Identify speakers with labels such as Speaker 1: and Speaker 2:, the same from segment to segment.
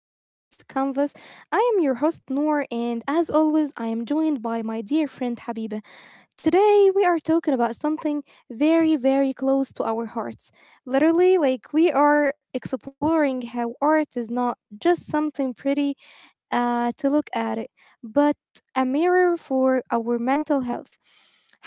Speaker 1: of The Heart's Canvas. I am your host Noor and as always I am joined by my dear friend Habiba. Today, we are talking about something very, very close to our hearts. Literally, like we are exploring how art is not just something pretty to look at it, but a mirror for our mental health.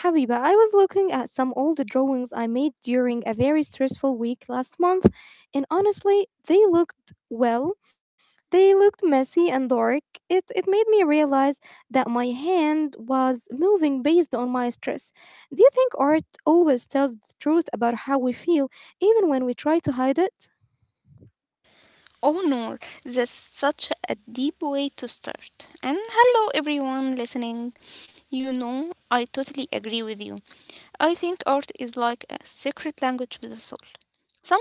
Speaker 1: Habiba, I was looking at some old drawings I made during a very stressful week last month, and honestly, they looked well. They looked messy and dark. It made me realize that my hand was moving based on my stress. Do you think art always tells the truth about how we feel, even when we try to hide it?
Speaker 2: Oh, Noor, that's such a deep way to start. And hello, everyone listening. You know, I totally agree with you. I think art is like a secret language with the soul.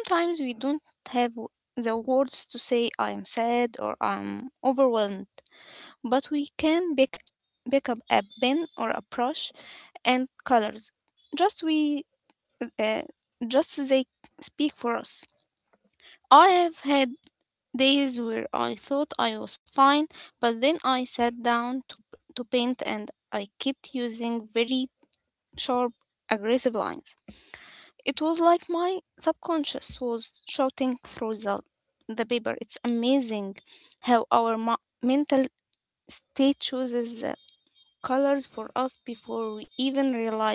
Speaker 2: Sometimes we don't have the words to say I am sad or I'm overwhelmed, but we can pick up a pen or a brush and colors. Just we, uh, just they speak for us. I have had days where I thought I was fine, but then I sat down to paint and I kept using very sharp, aggressive lines. It was like my subconscious was shouting through the paper. It's amazing how our mental state chooses the colors for us before we even realize.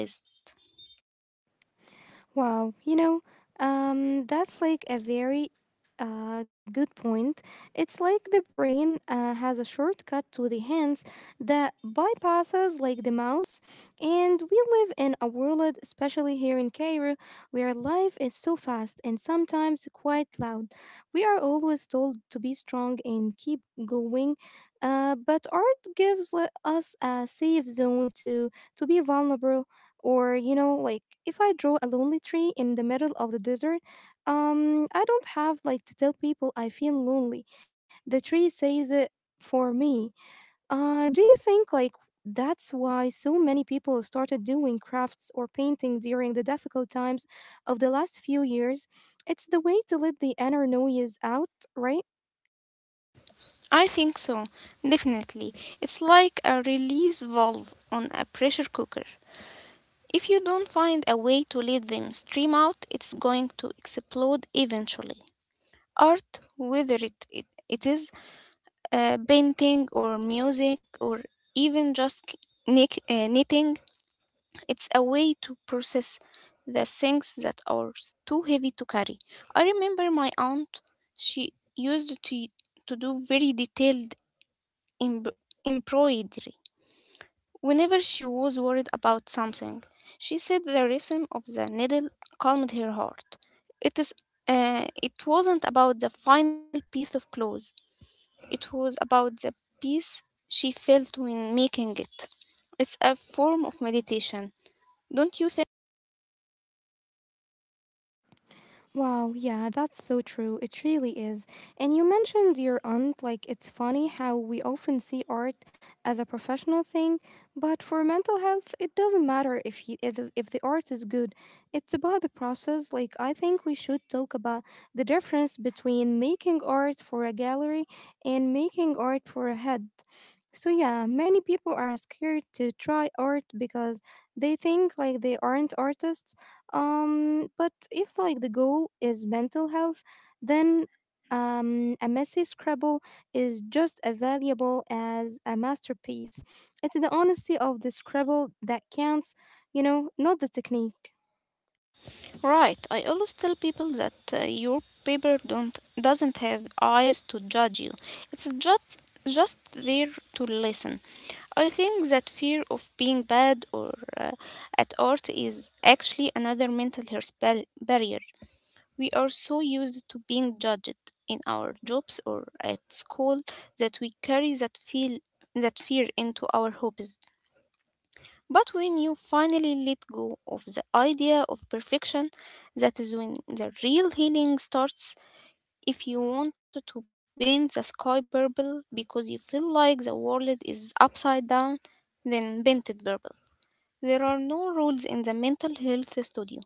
Speaker 1: Wow, you know, that's like a very good point. It's like the brain has a shortcut to the hands that bypasses like the mouse, and we live in a world, especially here in Cairo, where life is so fast and sometimes quite loud. We are always told to be strong and keep going, but art gives us a safe zone to be vulnerable or, you know, like if I draw a lonely tree in the middle of the desert, I don't have like to tell people I feel lonely. The tree says it for me. Do you think like that's why so many people started doing crafts or painting during the difficult times of the last few years? It's the way to let the inner noise out, right?
Speaker 2: I think so, definitely. It's like a release valve on a pressure cooker. If you don't find a way to let them stream out, it's going to explode eventually. Art, whether it is painting or music or even just knitting, it's a way to process the things that are too heavy to carry. I remember my aunt, she used to do very detailed embro- embroidery whenever she was worried about something. She said the rhythm of the needle calmed her heart. It is it wasn't about the final piece of clothes. It was about the peace she felt when making it. It's a form of meditation. Don't you think?
Speaker 1: Wow, yeah, that's so true. It really is. And you mentioned your aunt, like, it's funny how we often see art as a professional thing, but for mental health, it doesn't matter if you, if the art is good. It's about the process. Like, I think we should talk about the difference between making art for a gallery and making art for a head. So yeah, many people are scared to try art because they think like they aren't artists but if like the goal is mental health, then a messy scribble is just as valuable as a masterpiece. It's the honesty of the scribble that counts, you know, not the technique.
Speaker 2: Right. I always tell people that your paper don't doesn't have eyes to judge you. It's just there to listen. I think that fear of being bad or at art is actually another mental health barrier. We are so used to being judged in our jobs or at school that we carry that fear into our hobbies. But when you finally let go of the idea of perfection, that is when the real healing starts. If you want to paint the sky purple because you feel like the world is upside down, then paint it purple. There are no rules in the mental health studio.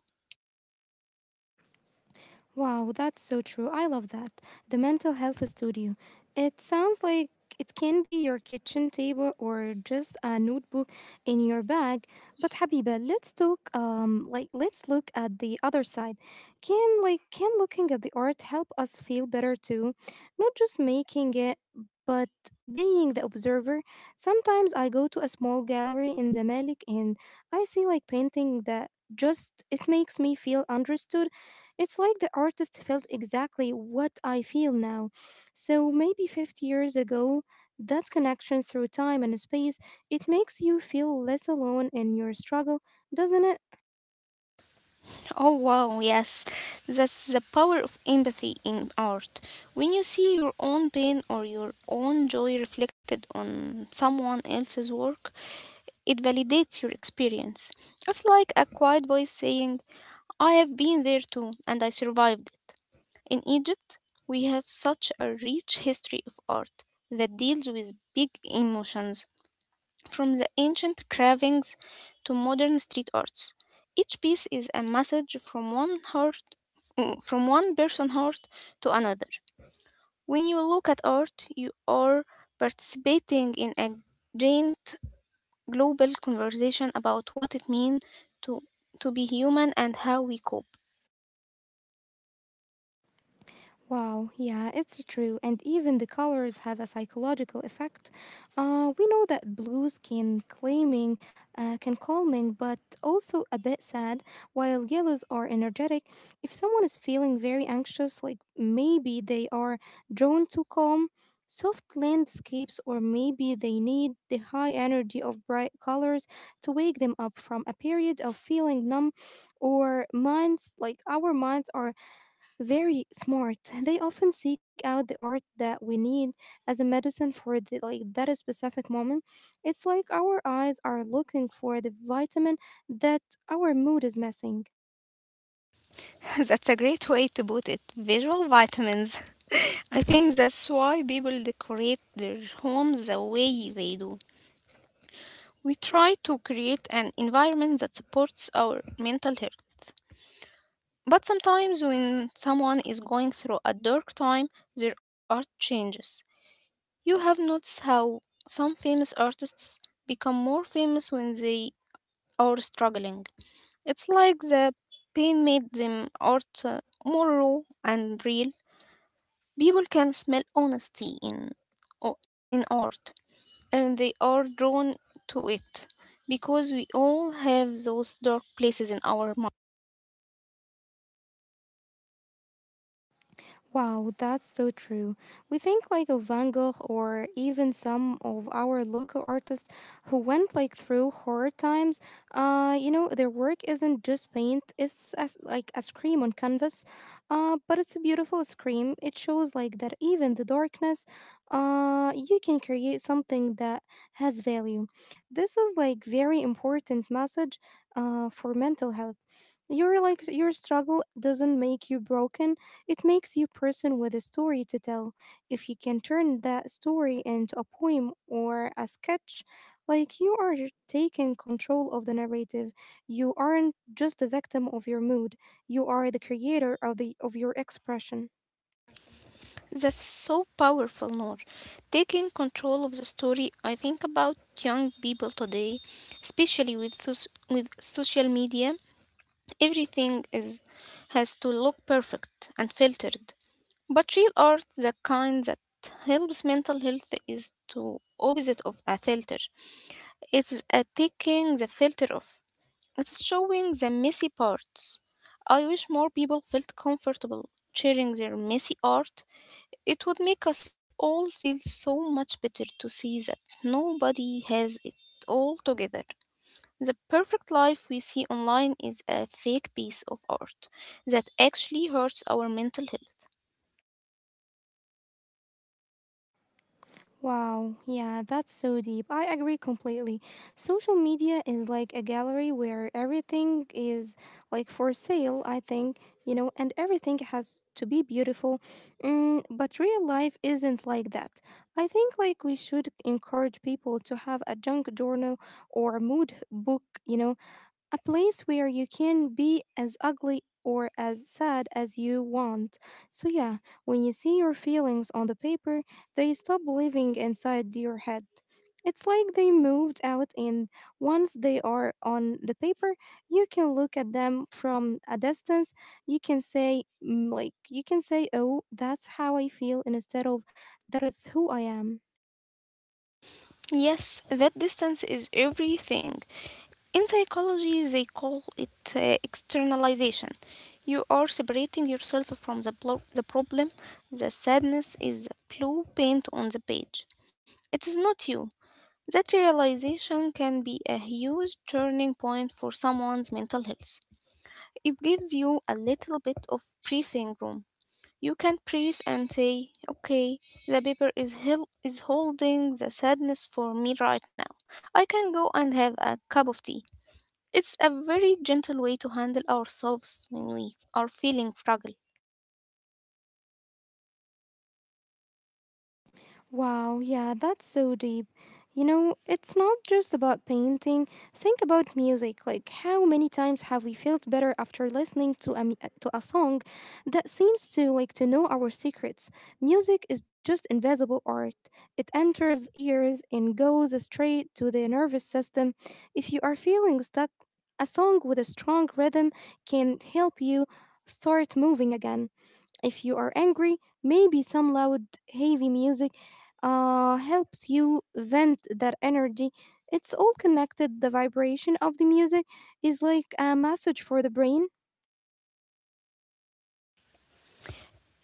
Speaker 1: Wow, that's so true. I love that. The mental health studio. It sounds like it can be your kitchen table or just a notebook in your bag. But Habiba, let's talk like let's look at the other side. Can looking at the art help us feel better too? Not just making it but being the observer. Sometimes I go to a small gallery in Zamalek and I see like painting that just it makes me feel understood. It's like the artist felt exactly what I feel now. So maybe 50 years ago, that connection through time and space, it makes you feel less alone in your struggle, doesn't it?
Speaker 2: Oh wow, yes. That's the power of empathy in art. When you see your own pain or your own joy reflected on someone else's work, it validates your experience. It's like a quiet voice saying, I have been there too, and I survived it. In Egypt, we have such a rich history of art that deals with big emotions. From the ancient carvings to modern street arts, each piece is a message from one heart, from one person's heart to another. When you look at art, you are participating in a giant global conversation about what it means to to be human and how we cope.
Speaker 1: Wow, yeah, it's true. And even the colors have a psychological effect. We know that blues can can calming, but also a bit sad, while yellows are energetic. If someone is feeling very anxious, like maybe they are drawn to calm, soft landscapes, or maybe they need the high energy of bright colors to wake them up from a period of feeling numb or minds, like our minds are very smart. They often seek out the art that we need as a medicine for the, like that specific moment. It's like our eyes are looking for the vitamin that our mood is missing.
Speaker 2: That's a great way to put it. Visual vitamins. I think that's why people decorate their homes the way they do. We try to create an environment that supports our mental health. But sometimes, when someone is going through a dark time, there are changes. You have noticed how some famous artists become more famous when they are struggling. It's like the pain made them art more raw and real. People can smell honesty in art, and they are drawn to it because we all have those dark places in our mind.
Speaker 1: Wow, that's so true. We think like of Van Gogh or even some of our local artists who went like through hard times. You know, their work isn't just paint, it's as, like a scream on canvas. But it's a beautiful scream. It shows like that even the darkness, you can create something that has value. This is like very important message for mental health. Your like your struggle doesn't make you broken. It makes you person with a story to tell. If you can turn that story into a poem or a sketch, like you are taking control of the narrative. You aren't just a victim of your mood. You are the creator of the of your expression.
Speaker 2: That's so powerful, Noor. Taking control of the story, I think about young people today, especially with with social media. Everything is has to look perfect and filtered. But real art, the kind that helps mental health, is the opposite of a filter. It's a taking the filter off. It's showing the messy parts. I wish more people felt comfortable sharing their messy art. It would make us all feel so much better to see that nobody has it all together. The perfect life we see online is a fake piece of art that actually hurts our mental health.
Speaker 1: Wow, yeah, that's so deep. I agree completely. Social media is like a gallery where everything is like for sale, I think, you know, and everything has to be beautiful. Mm, but real life isn't like that. I think like we should encourage people to have a junk journal or mood book, you know, a place where you can be as ugly or as sad as you want. So, yeah, when you see your feelings on the paper, they stop living inside your head. It's like they moved out, and once they are on the paper, you can look at them from a distance. You can say, mm, like, you can say, oh, that's how I feel, instead of that is who I am.
Speaker 2: Yes, that distance is everything. In psychology, they call it externalization. You are separating yourself from the problem. The sadness is the blue paint on the page. It is not you. That realization can be a huge turning point for someone's mental health. It gives you a little bit of breathing room. You can breathe and say, okay, the paper is holding the sadness for me right now. I can go and have a cup of tea. It's a very gentle way to handle ourselves when we are feeling fragile.
Speaker 1: Wow, yeah, that's so deep. You know, it's not just about painting. Think about music. Like, how many times have we felt better after listening to a to a song that seems to like to know our secrets? Music is just invisible art. It enters ears and goes straight to the nervous system. If you are feeling stuck, a song with a strong rhythm can help you start moving again. If you are angry, maybe some loud, heavy music helps you vent that energy. It's all connected. The vibration of the music is like a message for the brain.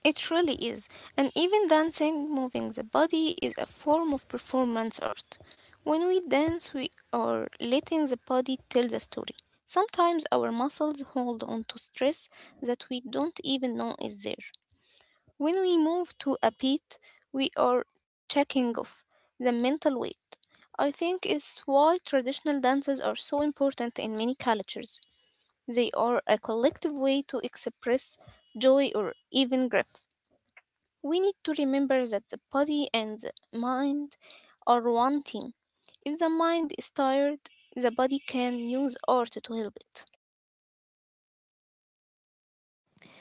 Speaker 2: It really is. And even dancing, moving the body is a form of performance art. When we dance, we are letting the body tell the story. Sometimes our muscles hold on to stress that we don't even know is there. When we move to a beat, we are checking off the mental weight. I think it's why traditional dances are so important in many cultures. They are a collective way to express joy or even grief. We need to remember that the body and the mind are one team. If the mind is tired, the body can use art to help it.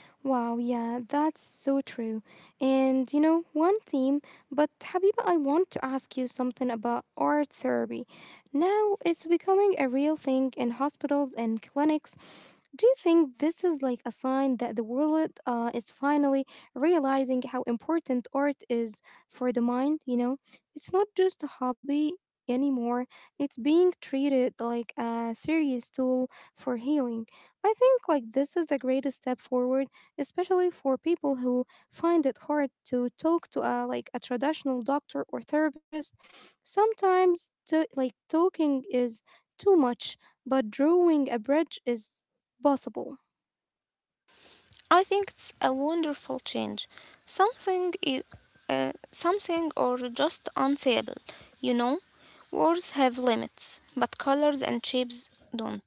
Speaker 1: Wow, yeah, that's so true. And you know, one theme, but Habiba, I want to ask you something about art therapy. Now it's becoming a real thing in hospitals and clinics. Do you think this is like a sign that the world is finally realizing how important art is for the mind? You know, it's not just a hobby anymore, it's being treated like a serious tool for healing. I think like this is the greatest step forward, especially for people who find it hard to talk to a like a traditional doctor or therapist. Sometimes to, like talking is too much, but drawing a bridge is possible.
Speaker 2: I think it's a wonderful change. Something is Something or just unsayable, you know? Words have limits, but colors and shapes don't.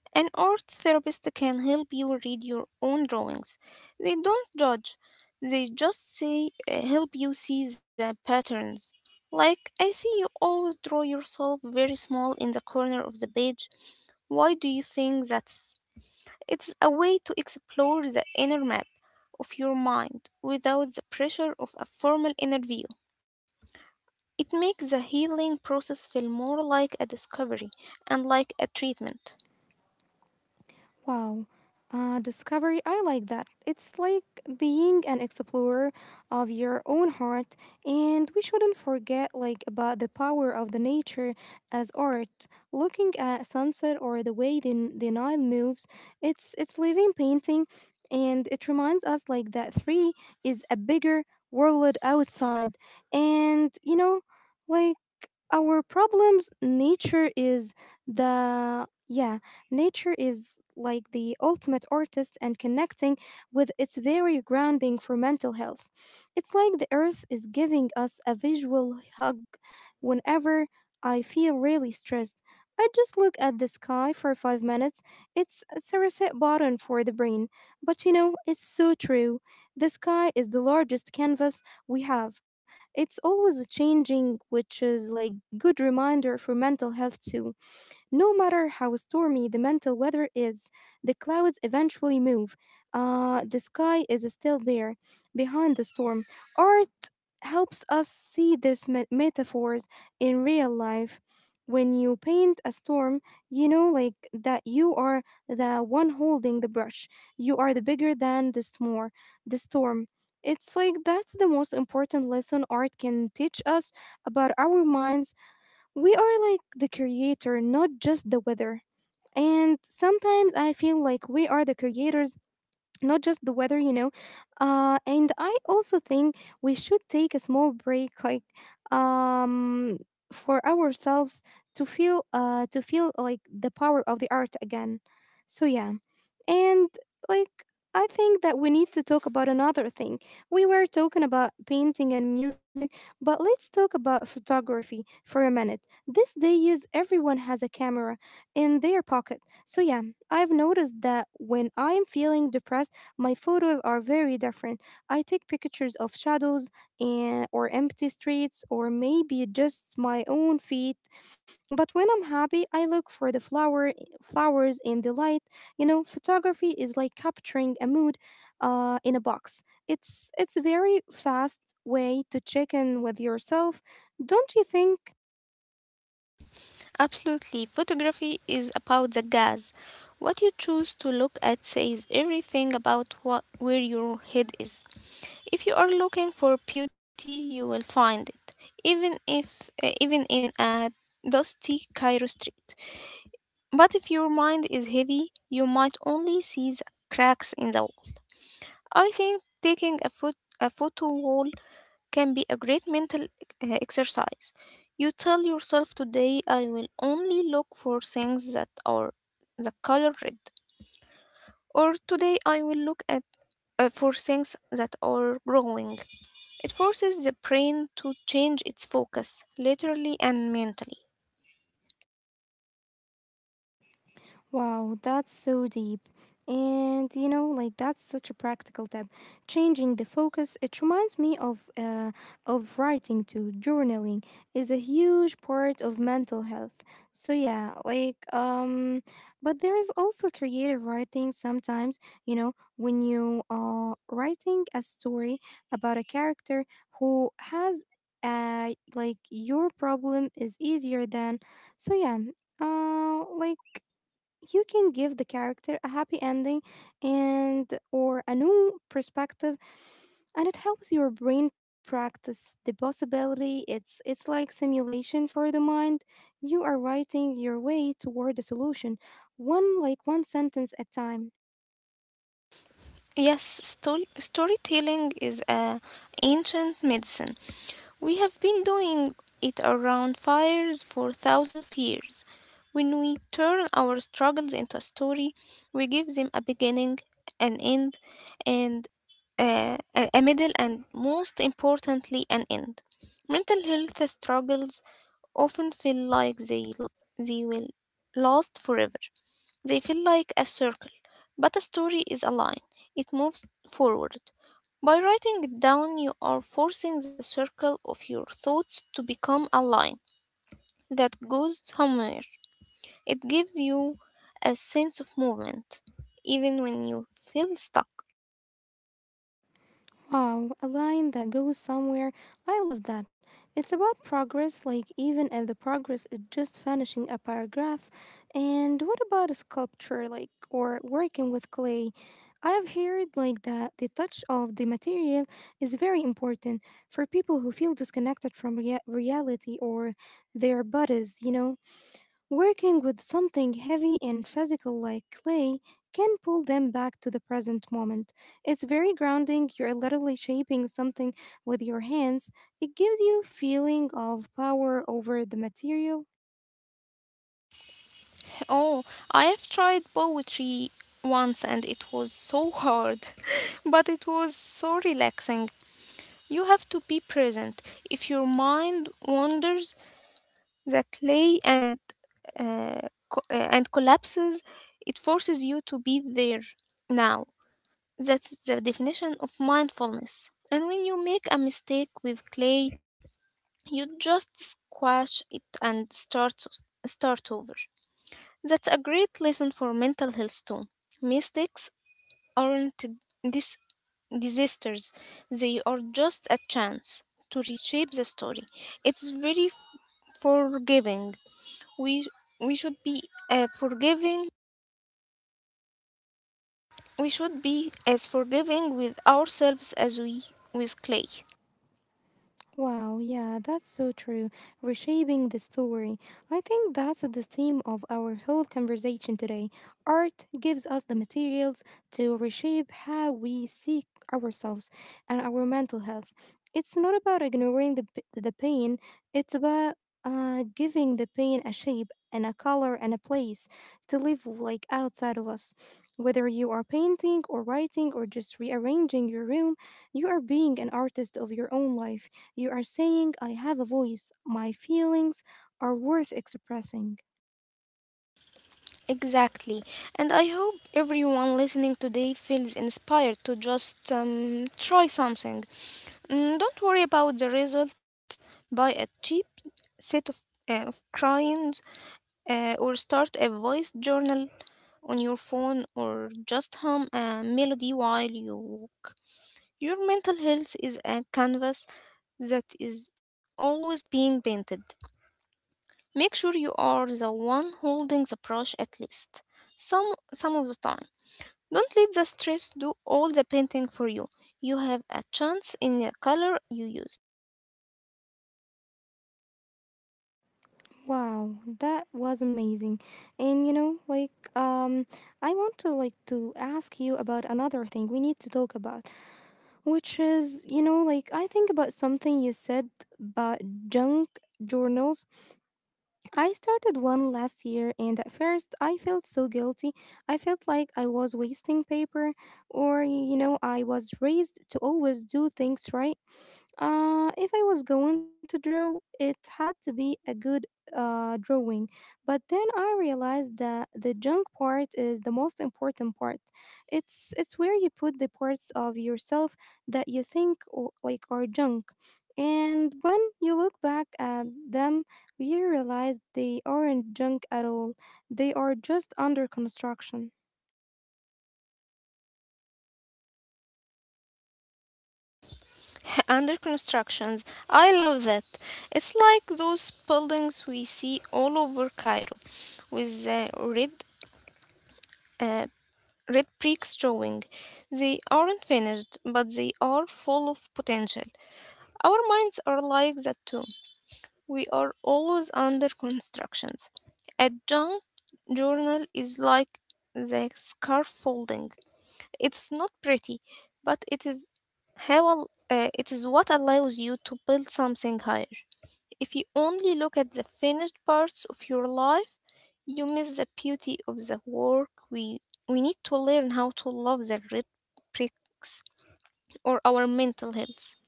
Speaker 2: An art therapist can help you read your own drawings. They don't judge, they just say help you see the patterns. Like, I see you always draw yourself very small in the corner of the page. Why do you think that's? It's a way to explore the inner map of your mind without the pressure of a formal interview. It makes the healing process feel more like a discovery and like a treatment.
Speaker 1: Wow. Discovery, I like that. It's like being an explorer of your own heart, and we shouldn't forget like about the power of the nature as art. Looking at sunset or the way the Nile moves, it's living painting, and it reminds us like that three is a bigger world outside, and you know, like our problems, nature is the yeah Nature is like the ultimate artist and connecting with its very grounding for mental health. It's like the earth is giving us a visual hug whenever I feel really stressed. I just look at the sky for 5 minutes. It's a reset button for the brain. But you know, it's so true. The sky is the largest canvas we have. It's always changing, which is like good reminder for mental health too. No matter how stormy the mental weather is, the clouds eventually move. The sky is still there behind the storm. Art helps us see these metaphors in real life. When you paint a storm, you know, like that you are the one holding the brush. You are the bigger than the small, the storm. It's like that's the most important lesson art can teach us about our minds we are like the creator, not just the weather. And sometimes I feel like we are the creators not just the weather, you know. And I also think we should take a small break, like um, for ourselves to feel like the power of the art again. So yeah, and like I think that we need to talk about another thing. We were talking about painting and music, but let's talk about photography for a minute. These days, everyone has a camera in their pocket. So yeah, I've noticed that when I'm feeling depressed. My photos are very different. I take pictures of shadows and or empty streets or maybe just my own feet. But when I'm happy, I look for the flowers in the light. You know, photography is like capturing a mood in a box. It's a very fast way to check in with yourself. Don't you think?
Speaker 2: Absolutely. Photography is about the gas. What you choose to look at says everything about what, where your head is. If you are looking for beauty, you will find it, even if even in a dusty Cairo street. But if your mind is heavy, you might only see the cracks in the wall. I think taking a photo wall can be a great mental exercise. You tell yourself today I will only look for things that are the color red, or today I will look at for things that are growing. It forces the brain to change its focus, literally and mentally.
Speaker 1: Wow, that's so deep. And you know, like that's such a practical tip. Changing the focus, it reminds me of writing too. Journaling is a huge part of mental health. So yeah, like but there is also creative writing sometimes, you know, when you are writing a story about a character who has like your problem is easier than. So yeah, uh like you can give the character a happy ending and or a new perspective, and it helps your brain practice the possibility. It's like simulation for the mind. You are writing your way toward a solution, one sentence at a time.
Speaker 2: Yes, storytelling is a ancient medicine. We have been doing it around fires for thousands of years. When we turn our struggles into a story, we give them a beginning, an end, and a middle, and most importantly, an end. Mental health struggles often feel like they will last forever. They feel like a circle, but a story is a line. It moves forward. By writing it down, you are forcing the circle of your thoughts to become a line that goes somewhere. It gives you a sense of movement, even when you feel stuck.
Speaker 1: Wow, a line that goes somewhere. I love that. It's about progress, like even if the progress is just finishing a paragraph. And what about a sculpture, like, or working with clay? I have heard like that the touch of the material is very important for people who feel disconnected from reality or their bodies, you know. Working with something heavy and physical like clay can pull them back to the present moment. It's very grounding. You're literally shaping something with your hands. It gives you feeling of power over the material.
Speaker 2: Oh, I have tried poetry once and it was so hard, but it was so relaxing. You have to be present. If your mind wanders, the clay uh, and collapses. It forces you to be there now. That's the definition of mindfulness. And when you make a mistake with clay, you just squash it and start over. That's a great lesson for mental health too. Mistakes aren't dis- disasters, they are just a chance to reshape the story. It's very forgiving. we we should be uh, forgiving. We should be as forgiving with ourselves as we with clay.
Speaker 1: Wow, yeah, that's so true. Reshaping the story. I think that's the theme of our whole conversation today. Art gives us the materials to reshape how we see ourselves and our mental health. It's not about ignoring the pain, it's about giving the pain a shape and a color and a place to live, like outside of us. Whether you are painting or writing or just rearranging your room, you are being an artist of your own life. You are saying, I have a voice. My feelings are worth expressing.
Speaker 2: Exactly. And I hope everyone listening today feels inspired to just try something. Mm, don't worry about the result. Buy a cheap set of crayons or start a voice journal on your phone or just hum a melody while you. Your mental health is a canvas that is always being painted. Make sure you are the one holding the brush at least some of the time. Don't let the stress do all the painting for you. You have a chance in the color you use.
Speaker 1: Wow, that was amazing. And you know, like, I want to like to ask you about another thing we need to talk about, which is, you know, like I think about something you said about junk journals. I started one last year, and at first I felt so guilty. I felt like I was wasting paper, or you know, I was raised to always do things right. If I was going to draw, it had to be a good drawing. But then I realized that the junk part is the most important part. It's where you put the parts of yourself that you think or, like, are junk, and when you look back at them, you realize they aren't junk at all. They are just under construction.
Speaker 2: Under constructions, I love that. It's like those buildings we see all over Cairo with the uh, red bricks showing. They aren't finished, but they are full of potential. Our minds are like that too. We are always under constructions. A junk journal is like the scaffolding. It's not pretty, but how it is what allows you to build something higher. If you only look at the finished parts of your life, you miss the beauty of the work. We need to learn how to love the pricks or our mental health.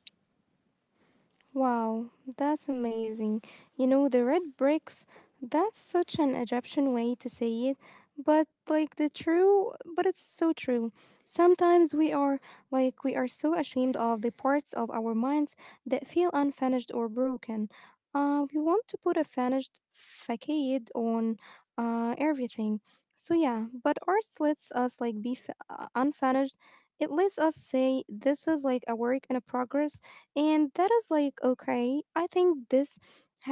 Speaker 1: Wow, that's amazing. You know, the red bricks, that's such an Egyptian way to say it, but like the true, but it's so true. Sometimes we are like we are so ashamed of the parts of our minds that feel unfinished or broken. We want to put a finished facade on everything. So yeah, but art lets us like be unfinished. It lets us say this is like a work in a progress, and that is like, okay. I think this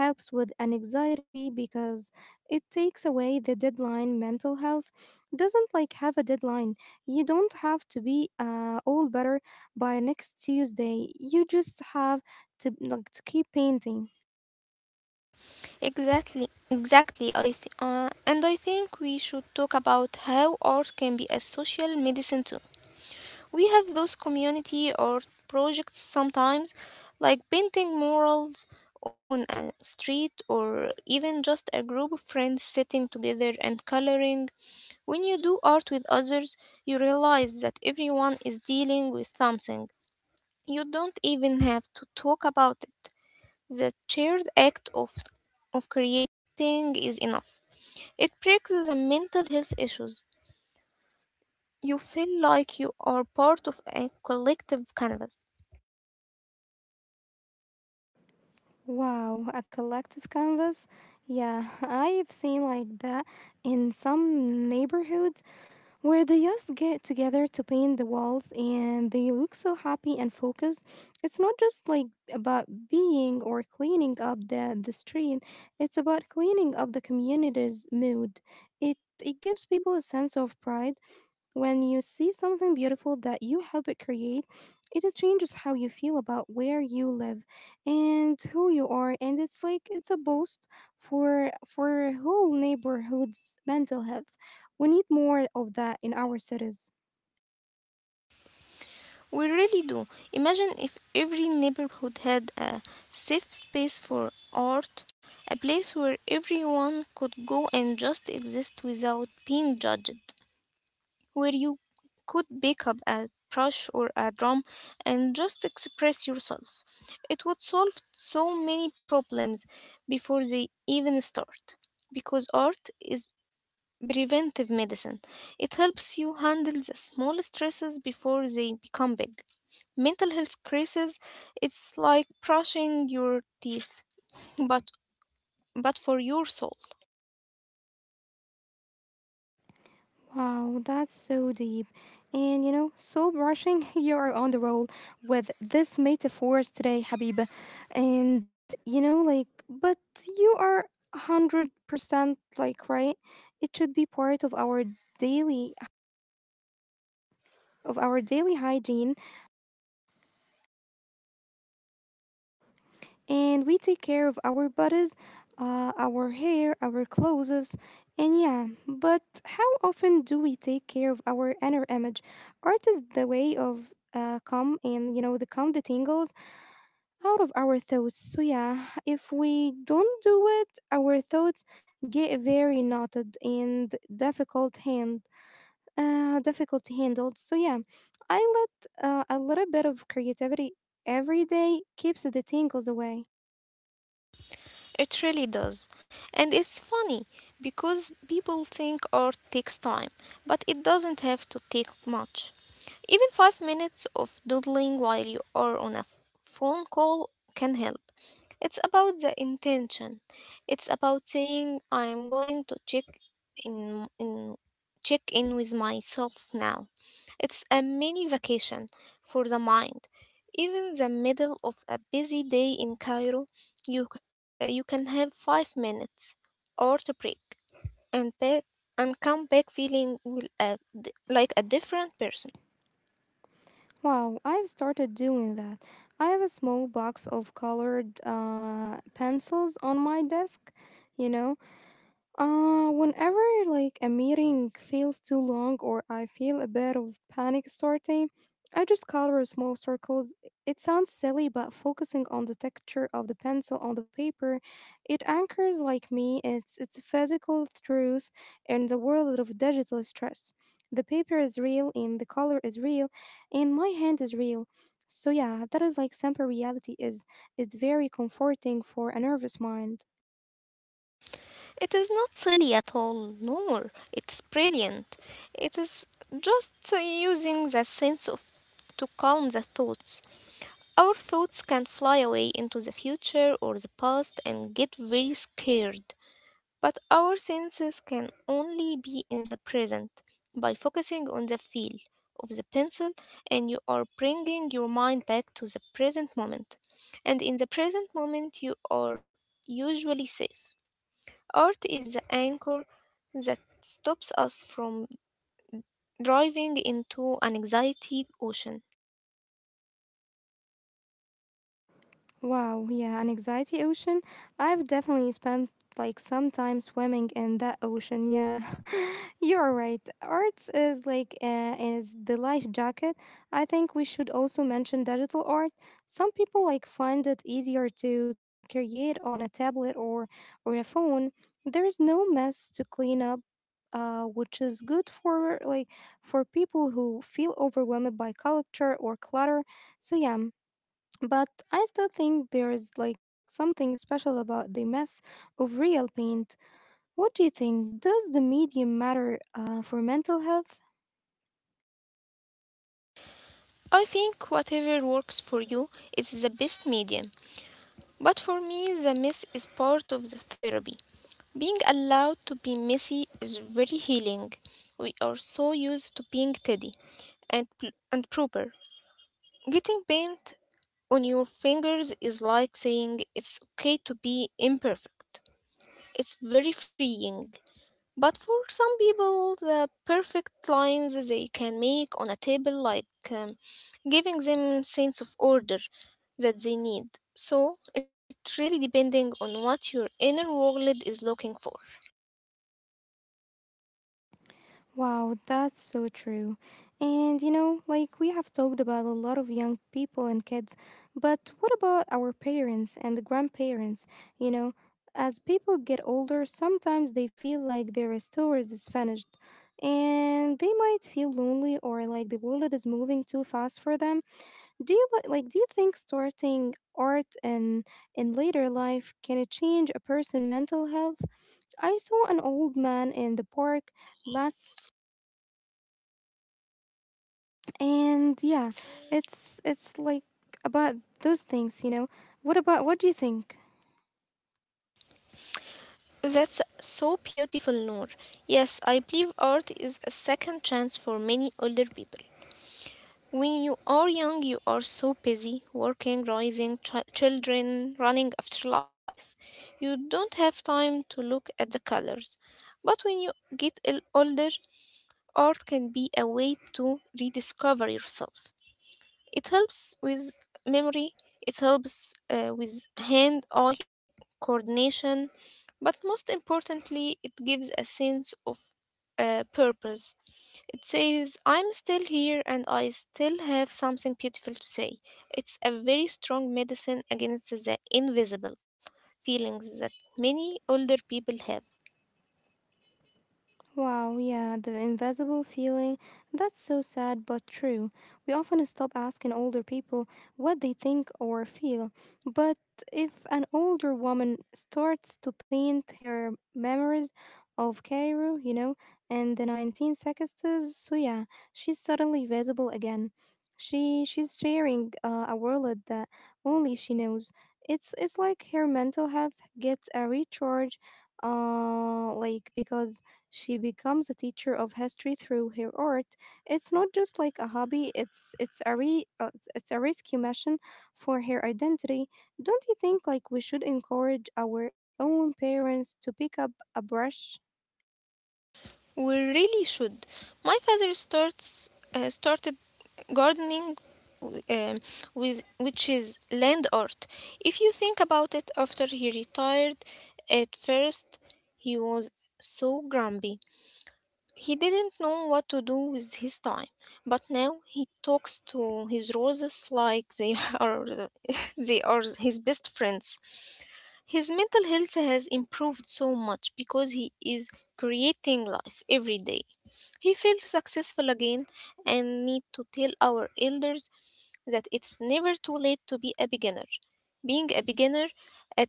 Speaker 1: helps with anxiety because it takes away the deadline. Mental health doesn't like have a deadline. You don't have to be all better by next Tuesday. You just have to like to keep painting.
Speaker 2: Exactly, exactly. And I think we should talk about how art can be a social medicine too. We have those community art projects sometimes, like painting murals on a street or even just a group of friends sitting together and coloring. When you do art with others, you realize that everyone is dealing with something. You don't even have to talk about it. The shared act of creating is enough. It breaks the mental health issues. You feel like you are part of a collective canvas.
Speaker 1: Wow, a collective canvas. Yeah, I've seen like that in some neighborhoods where the youth get together to paint the walls and they look so happy and focused. It's not just like about being or cleaning up the street, it's about cleaning up the community's mood. It gives people a sense of pride. When you see something beautiful that you help it create, it changes how you feel about where you live and who you are, and it's like it's a boost for whole neighborhood's mental health. We need more of that in our cities.
Speaker 2: We really do. Imagine if every neighborhood had a safe space for art, a place where everyone could go and just exist without being judged, where you could pick up a brush or a drum and just express yourself. It would solve so many problems before they even start. Because art is preventive medicine, it helps you handle the small stresses before they become big. Mental health crisis, it's like brushing your teeth, but but for your soul.
Speaker 1: Wow, that's so deep. And you know, soul brushing, you are on the roll with this metaphors today, Habib. And you know, like, but you are 100% like, right? It should be part of our daily hygiene, and we take care of our bodies, our hair, our clothes, and yeah. But how often do we take care of our inner image? Art is the way of calm, and you know the calm the tingles out of our thoughts. So yeah, if we don't do it, our thoughts get very knotted and difficult to handle. So yeah, I let a little bit of creativity every day keeps the tingles away.
Speaker 2: It really does. And it's funny because people think art takes time, but it doesn't have to take much. Even five minutes of doodling while you are on a phone call can help. It's about the intention. It's about saying I'm going to in, in check in with myself now. It's a mini vacation for the mind. Even the middle of a busy day in Cairo, you you can have five minutes or to break and back and come back feeling like a different person.
Speaker 1: Wow, I've started doing that. I have a small box of colored pencils on my desk, you know. Whenever like a meeting feels too long or I feel a bit of panic starting, I just color small circles. It sounds silly, but focusing on the texture of the pencil on the paper, it anchors like me. It's a physical truth in the world of digital stress. The paper is real and the color is real and my hand is real. So yeah, that is like simple reality is very comforting for a nervous mind.
Speaker 2: It is not silly at all, no more. It's brilliant. It is just using the sense of to calm the thoughts. Our thoughts can fly away into the future or the past and get very scared. But our senses can only be in the present. By focusing on the feel of the pencil, and you are bringing your mind back to the present moment. And in the present moment, you are usually safe. Art is the anchor that stops us from driving into an anxiety ocean.
Speaker 1: Wow, yeah, an anxiety ocean. I've definitely spent like some time swimming in that ocean. Yeah, you're right. Arts is like is the life jacket. I think we should also mention digital art. Some people like find it easier to create on a tablet or a phone. There is no mess to clean up. Which is good for for people who feel overwhelmed by culture or clutter. So yeah, but I still think there is like something special about the mess of real paint. What do you think? Does the medium matter for mental health?
Speaker 2: I think whatever works for you is the best medium. But for me, the mess is part of the therapy. Being allowed to be messy is very healing. We are so used to being tidy and, and proper. Getting paint on your fingers is like saying it's okay to be imperfect. It's very freeing. But for some people, the perfect lines they can make on a table, like um, giving them sense of order that they need. So it really depending on what your inner world is looking for.
Speaker 1: Wow, that's so true. And you know, like, we have talked about a lot of young people and kids, but what about our parents and the grandparents? You know, as people get older, sometimes they feel like their stories is finished and they might feel lonely or like the world is moving too fast for them. Do you do you think starting art in later life can it change a person's mental health? I saw an old man in the park last, and yeah, it's like about those things, you know. What about what do you think?
Speaker 2: That's so beautiful, Noor. Yes, I believe art is a second chance for many older people. When you are young, you are so busy working, raising children, running after life. You don't have time to look at the colors. But when you get older, art can be a way to rediscover yourself. It helps with memory, it helps with hand eye coordination, but most importantly, it gives a sense of purpose. It says, I'm still here and I still have something beautiful to say. It's a very strong medicine against the invisible feelings that many older people have.
Speaker 1: Wow, yeah, the invisible feeling. That's so sad but true. We often stop asking older people what they think or feel. But if an older woman starts to paint her memories of Cairo, you know, in the 1960s, so yeah, she's suddenly visible again. She's sharing a world that only she knows. It's like her mental health gets a recharge, like because she becomes a teacher of history through her art. It's not just like a hobby, it's a rescue mission for her identity. Don't you think like we should encourage our own parents to pick up a brush?
Speaker 2: We really should. My father starts started gardening, um, with which is land art. If you think about it, after he retired, at first he was so grumpy. He didn't know what to do with his time, but now he talks to his roses like they are they are his best friends. His mental health has improved so much because he is creating life every day. He feels successful again and need to tell our elders that it's never too late to be a beginner. Being a beginner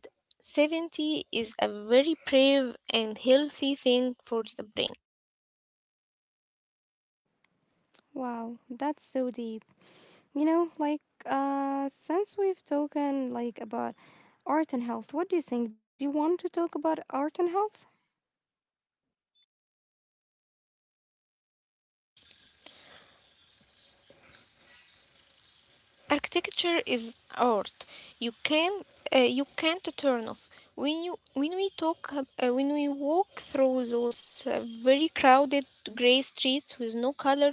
Speaker 2: at 70 is a very brave and healthy thing for the brain.
Speaker 1: Wow, that's so deep. You know, like since we've talked like about art and health, what do you think? Do you want to talk about art and health?
Speaker 2: Architecture is art. You can you can't turn off. When we when we walk through those very crowded gray streets with no colors,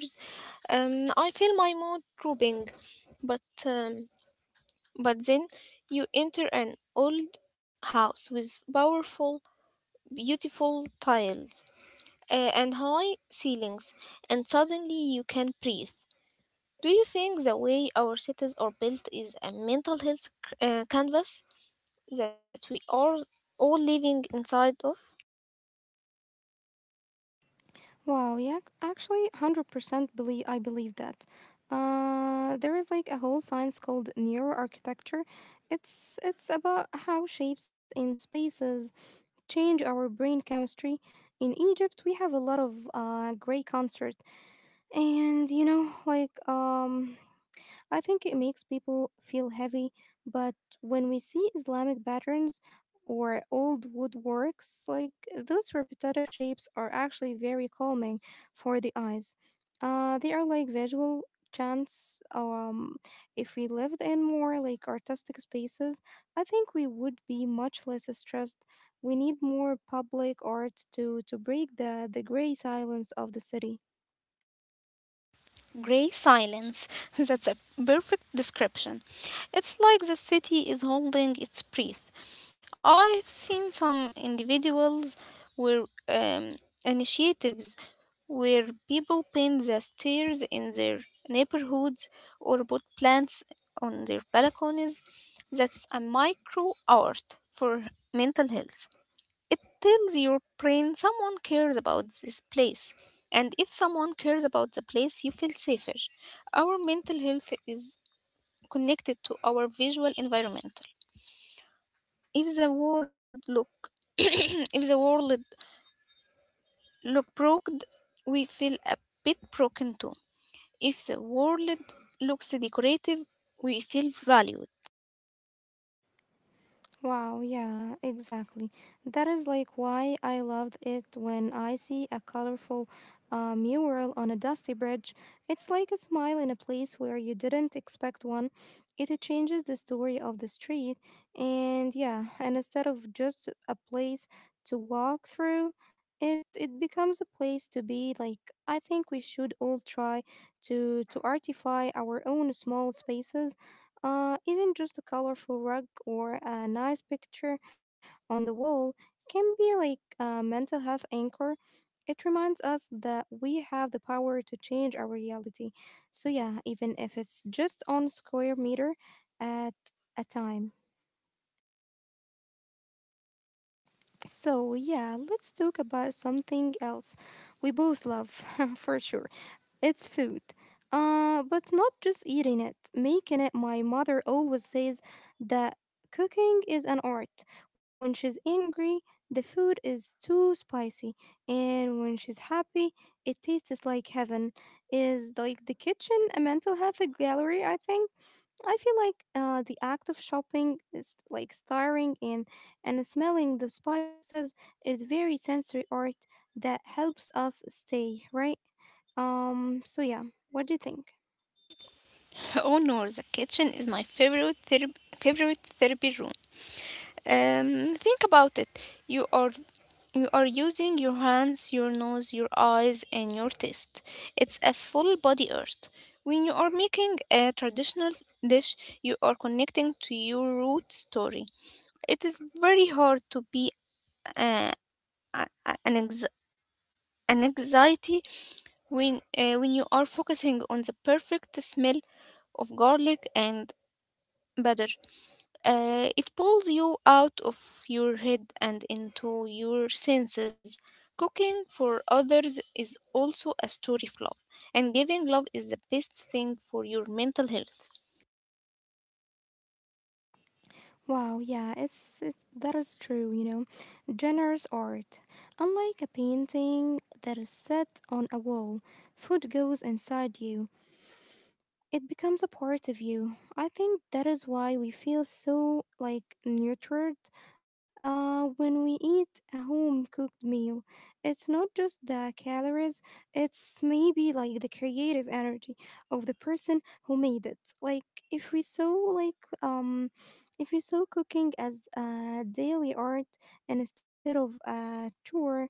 Speaker 2: I feel my mood drooping. But um, but then you enter an old house with powerful, beautiful tiles and high ceilings, and suddenly you can breathe. Do you think the way our cities are built is a mental health canvas that we are all living inside of?
Speaker 1: Wow, yeah, actually, 100% believe I believe that. There is like a whole science called neuroarchitecture. It's about how shapes in spaces change our brain chemistry. In Egypt, we have a lot of gray concert, and you know, like, I think it makes people feel heavy, but when we see Islamic patterns or old woodworks, like those repetitive shapes are actually very calming for the eyes. They are like visual chants. If we lived in more like artistic spaces, I think we would be much less stressed. We need more public art to break the gray silence of the city.
Speaker 2: Gray silence. That's a perfect description. It's like the city is holding its breath. I've seen some individuals where initiatives where people paint the stairs in their neighborhoods or put plants on their balconies. That's a micro art for mental health. It tells your brain someone cares about this place. And if someone cares about the place, you feel safer. Our mental health is connected to our visual environment. If the world look if the world look broken, we feel a bit broken too. If the world looks decorative, we feel valued.
Speaker 1: Wow, yeah, exactly. That is like why I loved it when I see a colorful mural on a dusty bridge. It's like a smile in a place where you didn't expect one. It changes the story of the street, and yeah, and instead of just a place to walk through, it becomes a place to be. Like I think we should all try to artify our own small spaces, even just a colorful rug or a nice picture on the wall can be like a mental health anchor. It reminds us that we have the power to change our reality. So yeah, even if it's just on square meter at a time. So yeah, let's talk about something else we both love, for sure. It's food. But not just eating it, making it. My mother always says that cooking is an art. When she's angry, the food is too spicy, and when she's happy, it tastes like heaven. Is like the kitchen a mental health gallery? I think. I feel like the act of shopping is like stirring in and smelling the spices is very sensory art that helps us stay right. So yeah, what do you think?
Speaker 2: Oh no, the kitchen is my favorite favorite therapy room. Think about it. You are you are using your hands, your nose, your eyes, and your taste. It's a full body earth. When you are making a traditional dish, you are connecting to your root story. It is very hard to be uh, a- a- an ex- an anxiety when you are focusing on the perfect smell of garlic and butter. It pulls you out of your head and into your senses. Cooking for others is also a story of love, and giving love is the best thing for your mental health.
Speaker 1: Wow, yeah, that is true, you know. Generous art, unlike a painting that is set on a wall, food goes inside you. It becomes a part of you. I think that is why we feel so like nurtured when we eat a home cooked meal. It's not just the calories, it's maybe like the creative energy of the person who made it. If we saw like if we saw cooking as a daily art and instead of a chore,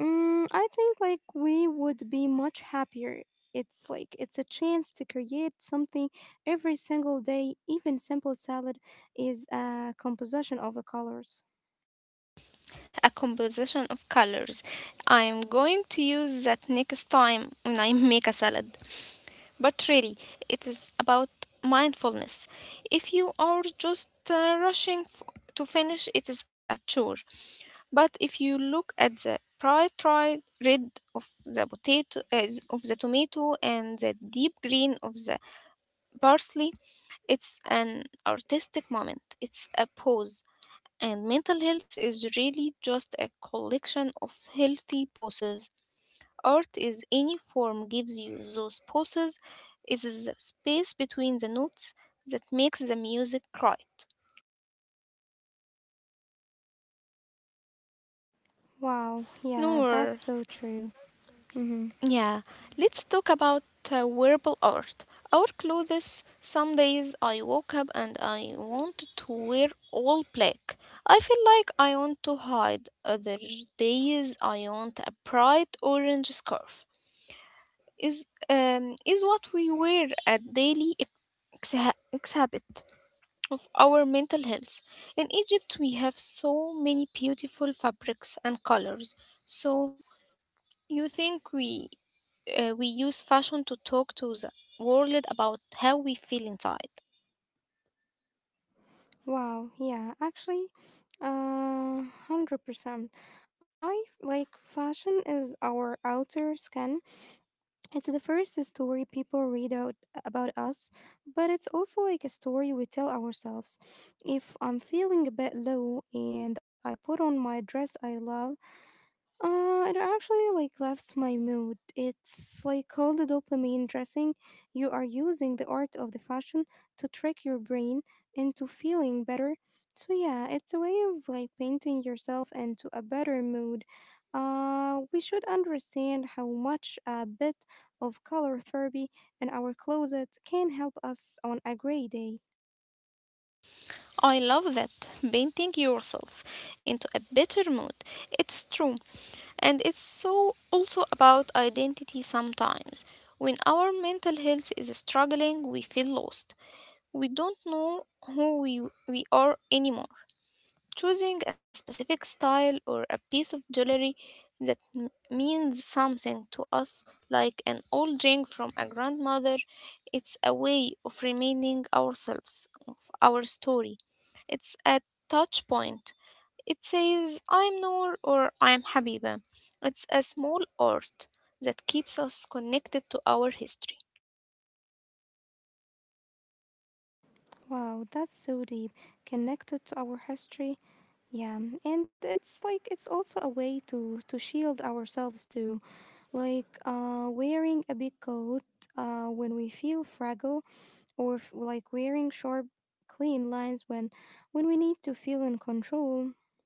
Speaker 1: I think we would be much happier. It's a chance to create something every single day. Even simple salad is a composition of the colors.
Speaker 2: A composition of colors. I'm going to use that next time when I make a salad. But really, it is about mindfulness. If you are just to finish, it is a chore. But if you look at the bright red of the potato as of the tomato and the deep green of the parsley, it's an artistic moment. It's a pause. And mental health is really just a collection of healthy poses. Art is any form gives you those poses. It is the space between the notes that makes the music right.
Speaker 1: Wow, yeah,
Speaker 2: Noor,
Speaker 1: that's so true. Mm-hmm.
Speaker 2: yeah, let's talk about wearable art. Our clothes, some days I woke up and I want to wear all black. I feel like I want to hide. Other days I want a bright orange scarf. Is what we wear a daily exhibit of our mental health. In Egypt, we have so many beautiful fabrics and colors. So you think we use fashion to talk to the world about how we feel inside?
Speaker 1: Wow, yeah, actually, uh, 100%. Like fashion is our outer skin, it's the first story people read out about us, but it's also like a story we tell ourselves. If I'm feeling a bit low and I put on my dress I love, it actually like lifts my mood. It's like called the dopamine dressing. You are using the art of the fashion to trick your brain into feeling better. So yeah, it's a way of like painting yourself into a better mood. We should understand how much a bit of color therapy in our closet can help us on a gray day.
Speaker 2: I love that, painting yourself into a better mood. It's true. And it's so also about identity sometimes. When our mental health is struggling, we feel lost. We don't know who we are anymore. Choosing a specific style or a piece of jewelry that means something to us, like an old ring from a grandmother, it's a way of reminding ourselves of our story. It's a touch point. It says, I'm Noor or I'm Habiba. It's a small art that keeps us connected to our history.
Speaker 1: Wow, that's so deep, connected to our history. Yeah, and it's like it's also a way to shield ourselves too, like wearing a big coat when we feel fragile, or like wearing sharp, clean lines when we need to feel in control.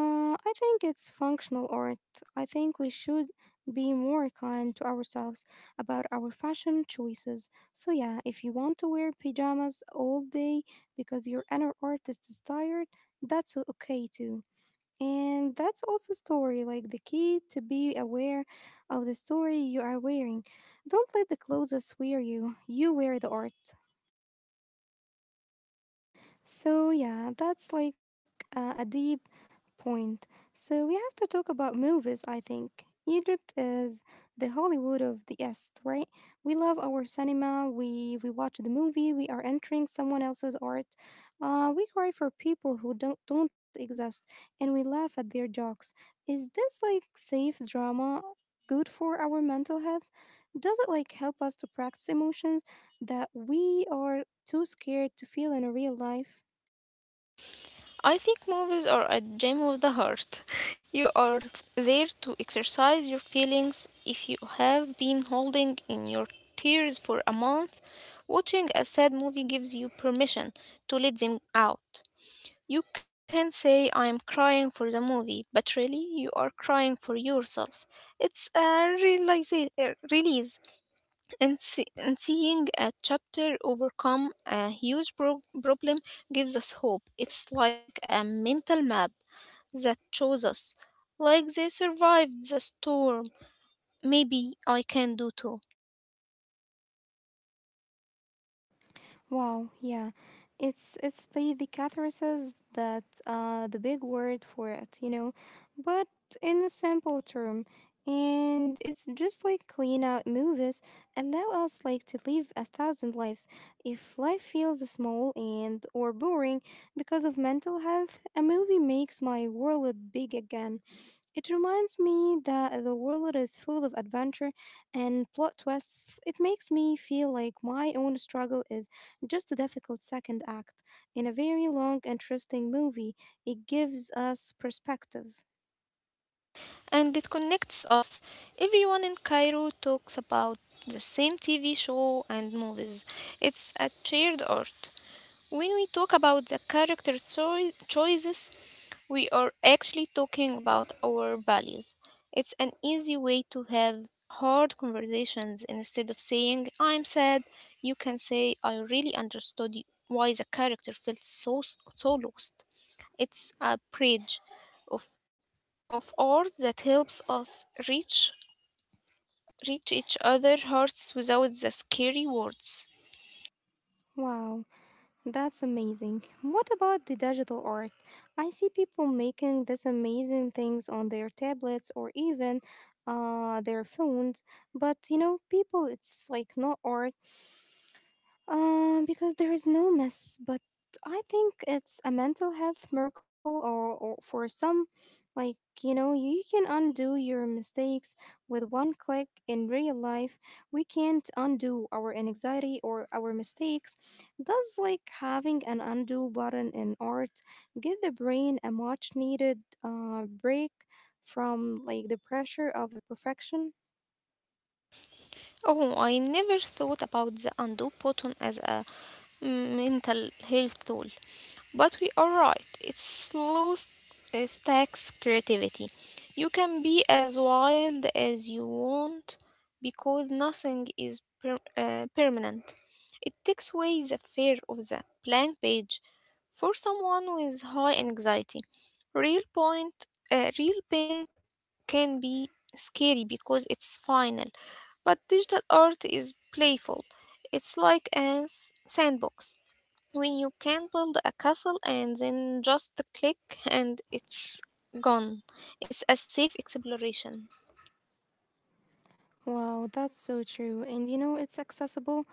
Speaker 1: I think it's functional art. I think we should be more kind to ourselves about our fashion choices. So yeah, if you want to wear pajamas all day because your inner artist is tired, that's okay too. And that's also story, like the key to be aware of the story you are wearing. Don't let the clothes wear you. You wear the art. So, yeah, that's like a deep point. So, we have to talk about movies, I think. Egypt is the Hollywood of the East, right? We love our cinema, we watch the movie, we are entering someone else's art. We cry for people who don't exist, and we laugh at their jokes. Is this like safe drama good for our mental health? Does it like help us to practice emotions that we are too scared to feel in real life?
Speaker 2: I think movies are a gem of the heart. You are there to exercise your feelings. If you have been holding in your tears for a month, watching a sad movie gives you permission to let them out. You can say I'm crying for the movie, but really you are crying for yourself. It's a release. And seeing a chapter overcome a huge problem gives us hope. It's like a mental map that shows us, like they survived the storm. Maybe I can do too.
Speaker 1: Wow, yeah. It's the catharsis that the big word for it, you know, but in a simple term. And it's just like clean out movies allow us like to live a thousand lives. If life feels small and or boring because of mental health, a movie makes my world big again. It reminds me that the world is full of adventure and plot twists. It makes me feel like my own struggle is just a difficult second act in a very long, interesting movie. It gives us perspective.
Speaker 2: And it connects us. Everyone in Cairo talks about the same TV show and movies. It's a shared art. When we talk about the character choices, we are actually talking about our values. It's an easy way to have hard conversations instead of saying, I'm sad. You can say, I really understood why the character felt so lost. It's a bridge of, of art that helps us reach each other hearts without the scary words.
Speaker 1: Wow, that's amazing. What about the digital art? I see people making these amazing things on their tablets or even their phones, but you know, people, it's like not art. Because there is no mess, but I think it's a mental health miracle or for some like you know you can undo your mistakes with one click. In real life we can't undo our anxiety or our mistakes. Does like having an undo button in art give the brain a much needed break from like the pressure of the perfection?
Speaker 2: Oh, I never thought about the undo button as a, mm, mental health tool. But we are right, it slows stacks creativity. You can be as wild as you want because nothing is permanent. It takes away the fear of the blank page for someone with high anxiety. Real point, Real paint can be scary because it's final, but digital art is playful. It's like a sandbox when you can build a castle and then just click and it's gone. It's a safe exploration.
Speaker 1: Wow, that's so true. And you know, it's accessible.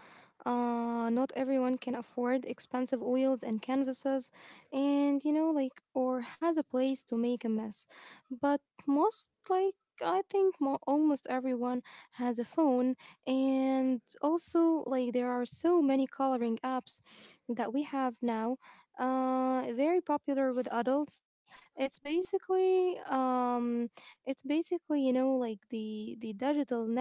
Speaker 1: Not everyone can afford expensive oils and canvases, and you know, like, or has a place to make a mess. But most, like, I think almost everyone has a phone, and also, like, there are so many coloring apps that we have now. Very popular with adults. It's basically, um, it's basically, you know, like the digital netting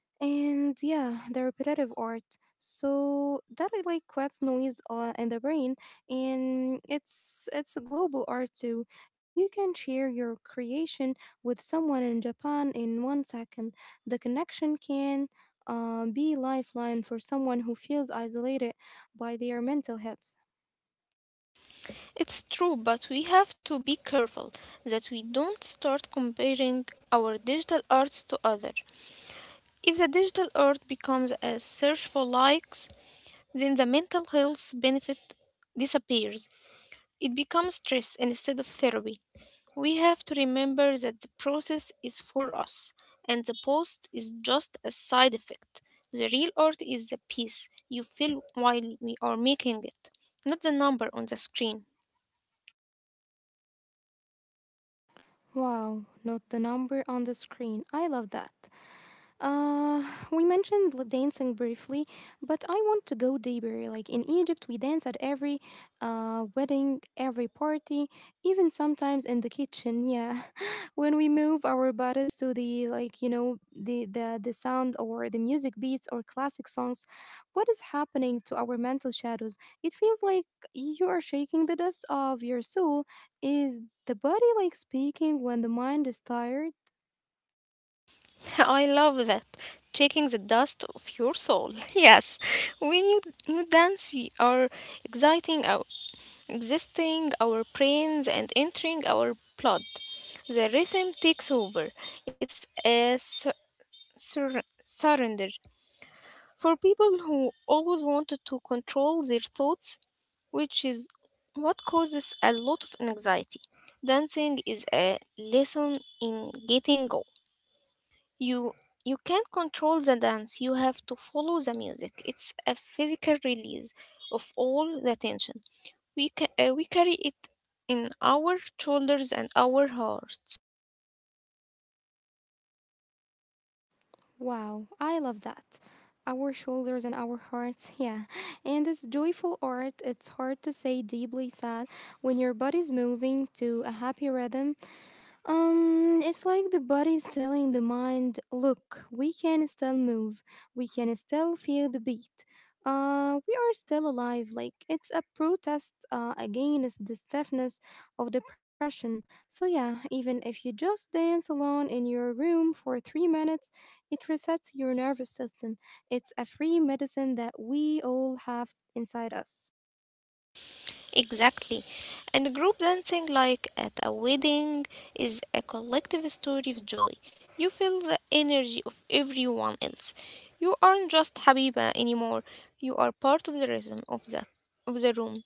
Speaker 1: and yeah, the repetitive art. So that is like creates noise in the brain, and it's a global art too. You can share your creation with someone in Japan in 1 second. The connection can be lifeline for someone who feels isolated by their mental health.
Speaker 2: It's true, but we have to be careful that we don't start comparing our digital arts to others. If the digital art becomes a search for likes, then the mental health benefit disappears. It becomes stress instead of therapy. We have to remember that the process is for us and the post is just a side effect. The real art is the peace you feel while we are making it, not the number on the screen.
Speaker 1: Wow, not the number on the screen. I love that. Uh, we mentioned dancing briefly, but I want to go deeper. Like in Egypt, we dance at every wedding, every party, even sometimes in the kitchen. Yeah, when we move our bodies to the like you know the the sound or the music beats or classic songs, what is happening to our mental shadows? It feels like you are shaking the dust of your soul. Is the body like speaking when the mind is tired?
Speaker 2: I love that. Checking the dust of your soul. Yes, when you, you dance, we are exciting our existing our brains and entering our blood. The rhythm takes over. It's a surrender. For people who always wanted to control their thoughts, which is what causes a lot of anxiety, dancing is a lesson in getting go. You you can't control the dance, you have to follow the music. It's a physical release of all the tension. We carry it in our shoulders and our hearts.
Speaker 1: Wow, I love that. Our shoulders and our hearts, yeah. And it's joyful art. It's hard to say deeply sad when your body's moving to a happy rhythm. It's like the body is telling the mind, look, we can still move, we can still feel the beat. We are still alive. Like it's a protest against the stiffness of depression. So yeah, even if you just dance alone in your room for 3 minutes, it resets your nervous system. It's a free medicine that we all have inside us.
Speaker 2: Exactly. And group dancing, like at a wedding, is a collective story of joy. You feel the energy of everyone else. You aren't just Habiba anymore. You are part of the rhythm of the room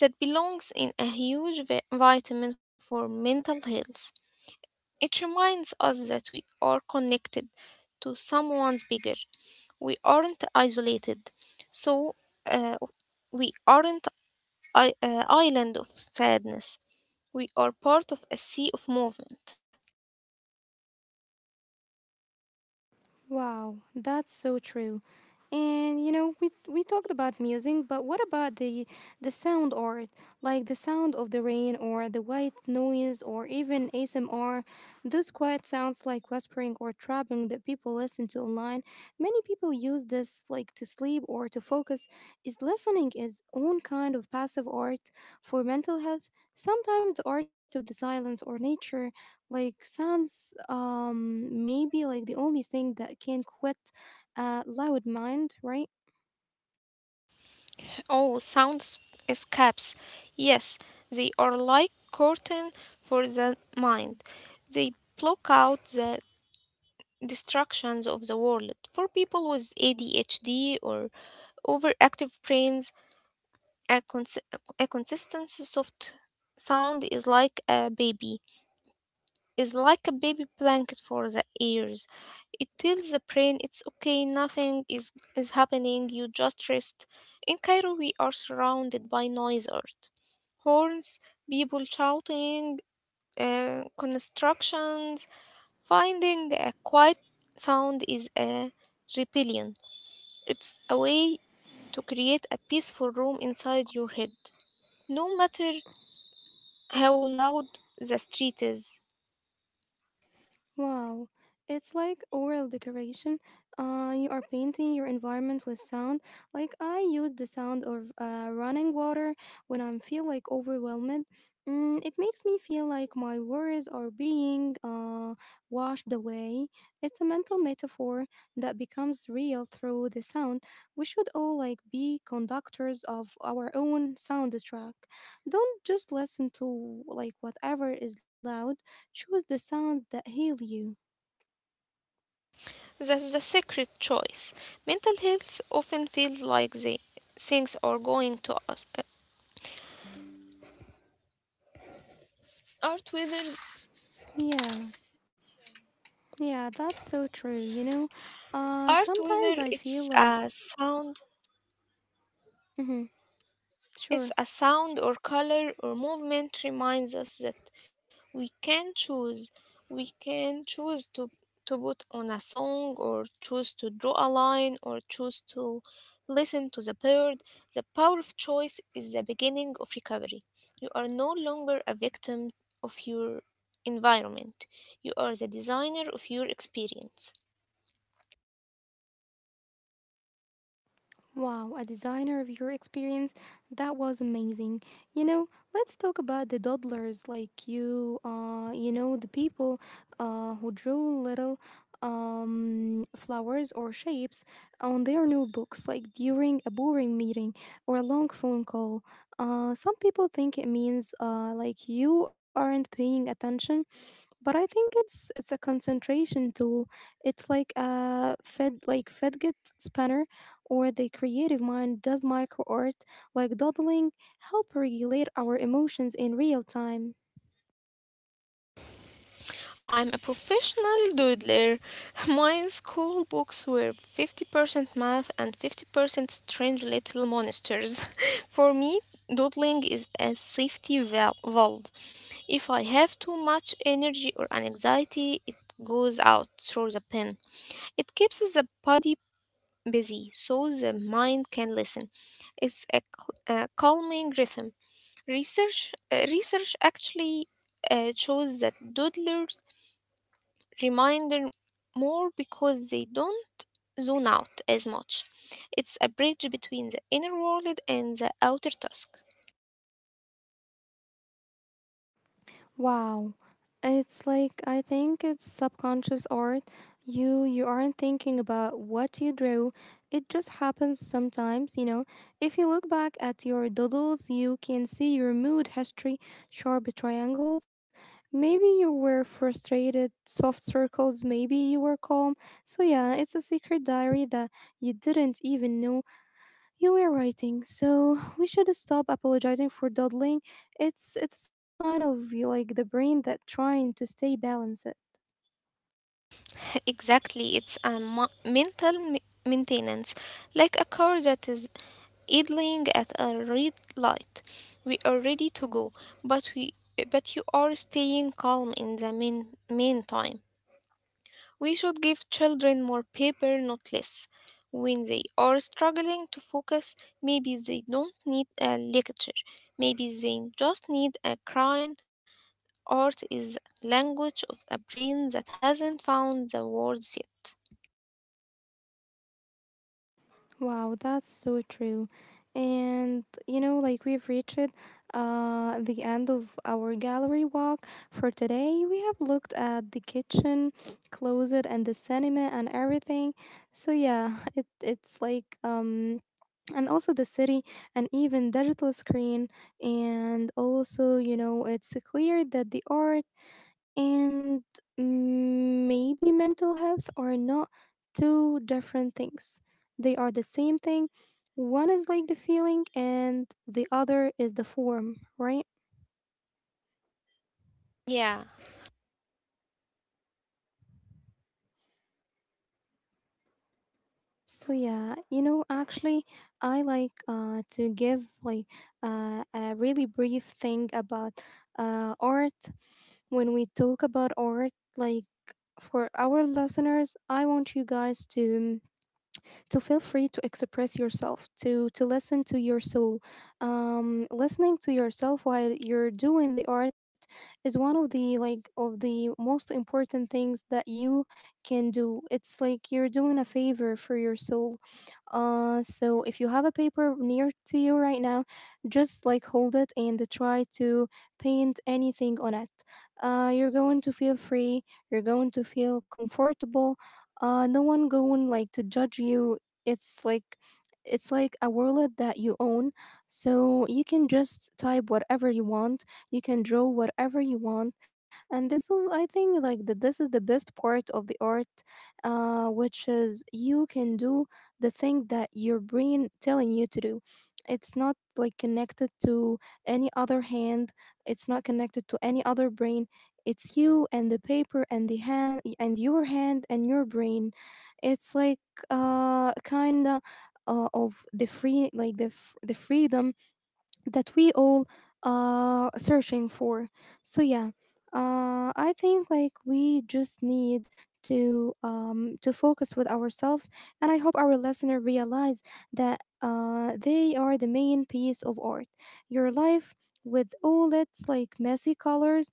Speaker 2: that belongs in a huge vitamin for mental health. It reminds us that we are connected to someone's bigger. We aren't isolated. So uh, we aren't I, island of sadness. We are part of a sea of movement.
Speaker 1: Wow, that's so true. And you know, we talked about music, but what about the sound art, like the sound of the rain or the white noise or even ASMR, those quiet sounds like whispering or trapping that people listen to online. Many people use this like to sleep or to focus. Is listening is own kind of passive art for mental health? Sometimes the art of the silence or nature like sounds maybe like the only thing that can quit a loud mind, right?
Speaker 2: Oh, sounds escapes. Yes, they are like curtain for the mind. They block out the distractions of the world. For people with ADHD or overactive brains, a, cons- a consistent soft sound is like a baby. Is like a baby blanket for the ears. It tells the brain it's okay, nothing is, is happening, you just rest. In Cairo, we are surrounded by noise art, horns, people shouting, constructions. Finding a quiet sound is a rebellion. It's a way to create a peaceful room inside your head, no matter how loud the street is.
Speaker 1: Wow, it's like oral decoration. You are painting your environment with sound. Like I use the sound of running water when I feel like overwhelmed. It makes me feel like my worries are being washed away. It's a mental metaphor that becomes real through the sound. We should all like be conductors of our own soundtrack. Don't just listen to like whatever is loud. Choose the sound that heal you.
Speaker 2: That's the secret choice. Mental health often feels like the things are going to us. Art withers.
Speaker 1: Yeah, yeah, that's so true. You know,
Speaker 2: Art
Speaker 1: sometimes
Speaker 2: whether
Speaker 1: I feel
Speaker 2: it's
Speaker 1: like,
Speaker 2: a sound,
Speaker 1: mm-hmm,
Speaker 2: it's
Speaker 1: sure.
Speaker 2: a sound or color or movement reminds us that we can choose. We can choose to put on a song or choose to draw a line or choose to listen to the bird. The power of choice is the beginning of recovery. You are no longer a victim of your environment. You are the designer of your experience.
Speaker 1: Wow, a designer of your experience. That was amazing. You know, let's talk about the doodlers like you, you know, the people who drew little flowers or shapes on their notebooks, like during a boring meeting or a long phone call. Some people think it means like you aren't paying attention, but I think it's a concentration tool. It's like a Fedgit spanner or the creative mind does micro art like doodling help regulate our emotions in real time.
Speaker 2: I'm a professional doodler. My school books were 50% math and 50% strange little monsters. For me, doodling is a safety valve. If I have too much energy or anxiety, it goes out through the pen. It keeps the body busy so the mind can listen. It's a, a calming rhythm. Research actually shows that doodlers reminder more because they don't zone out as much. It's a bridge between the inner world and the outer task.
Speaker 1: Wow. It's like I think it's subconscious art. You aren't thinking about what you drew. It just happens sometimes, you know. If you look back at your doodles, you can see your mood history, sharp triangles. Maybe you were frustrated, soft circles, maybe you were calm. So yeah, it's a secret diary that you didn't even know you were writing, so we should stop apologizing for dawdling. It's a sign of like the brain that trying to stay balanced.
Speaker 2: Exactly, it's a mental maintenance, like a car that is idling at a red light. We are ready to go, but we but you are staying calm in the meantime. We should give children more paper, not less. When they are struggling to focus, maybe they don't need a lecture. Maybe they just need a crime. Art is language of a brain that hasn't found the words yet.
Speaker 1: Wow, that's so true. And you know, like we've reached the end of our gallery walk for today. We have looked at the kitchen, closet and the cinema and everything. So yeah, it's like and also the city and even digital screen, and also you know it's clear that the art and, maybe mental health are not two different things, they are the same thing, one is like the feeling and the other is the form, right?
Speaker 2: Yeah.
Speaker 1: So yeah, you know, actually, I like to give like a really brief thing about art. When we talk about art, like for our listeners, I want you guys to feel free to express yourself, to listen to your soul. Listening to yourself while you're doing the art is one of the most important things that you can do. It's like you're doing a favor for your soul. So if you have a paper near to you right now, just like hold it and try to paint anything on it. You're going to feel free. You're going to feel comfortable. No one going like to judge you. It's like it's like a world that you own, so you can just type whatever you want, you can draw whatever you want, and this is I think like that this is the best part of the art, which is you can do the thing that your brain telling you to do. It's not like connected to any other hand, it's not connected to any other brain, it's you and the paper and the hand and your brain. It's like kind of the free like the the freedom that we all are searching for. So yeah, I think like we just need to focus with ourselves, and I hope our listener realize that they are the main piece of art. Your life with all its like messy colors.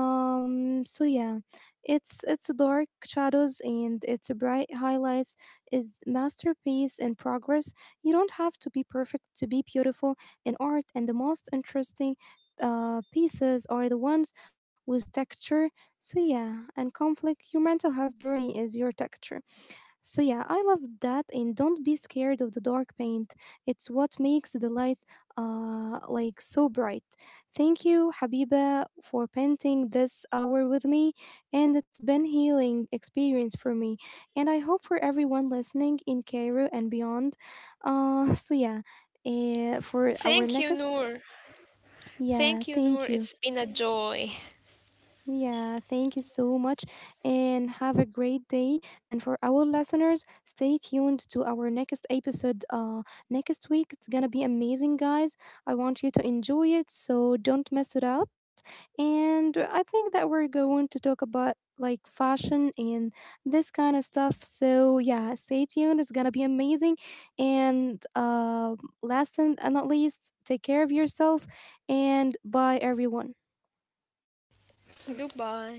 Speaker 1: So yeah, it's dark shadows and it's bright highlights is masterpiece in progress. You don't have to be perfect to be beautiful in art, and the most interesting pieces are the ones with texture. So, yeah, and conflict, your mental health journey is your texture. So yeah, I love that and don't be scared of the dark paint. It's what makes the light so bright. Thank you Habiba for painting this hour with me, and it's been healing experience for me and I hope for everyone listening in Cairo and beyond. So yeah, for
Speaker 2: Thank you,
Speaker 1: our
Speaker 2: Noor.
Speaker 1: next,
Speaker 2: Thank you,
Speaker 1: yeah,
Speaker 2: Noor. It's
Speaker 1: thank you.
Speaker 2: been a joy.
Speaker 1: Yeah, thank you so much and have a great day. And for our listeners, stay tuned to our next episode next week. It's going to be amazing, guys. I want you to enjoy it, so don't mess it out. And I think that we're going to talk about like fashion and this kind of stuff. So, yeah, stay tuned. It's going to be amazing. And last and not least, take care of yourself and bye everyone.
Speaker 2: Goodbye.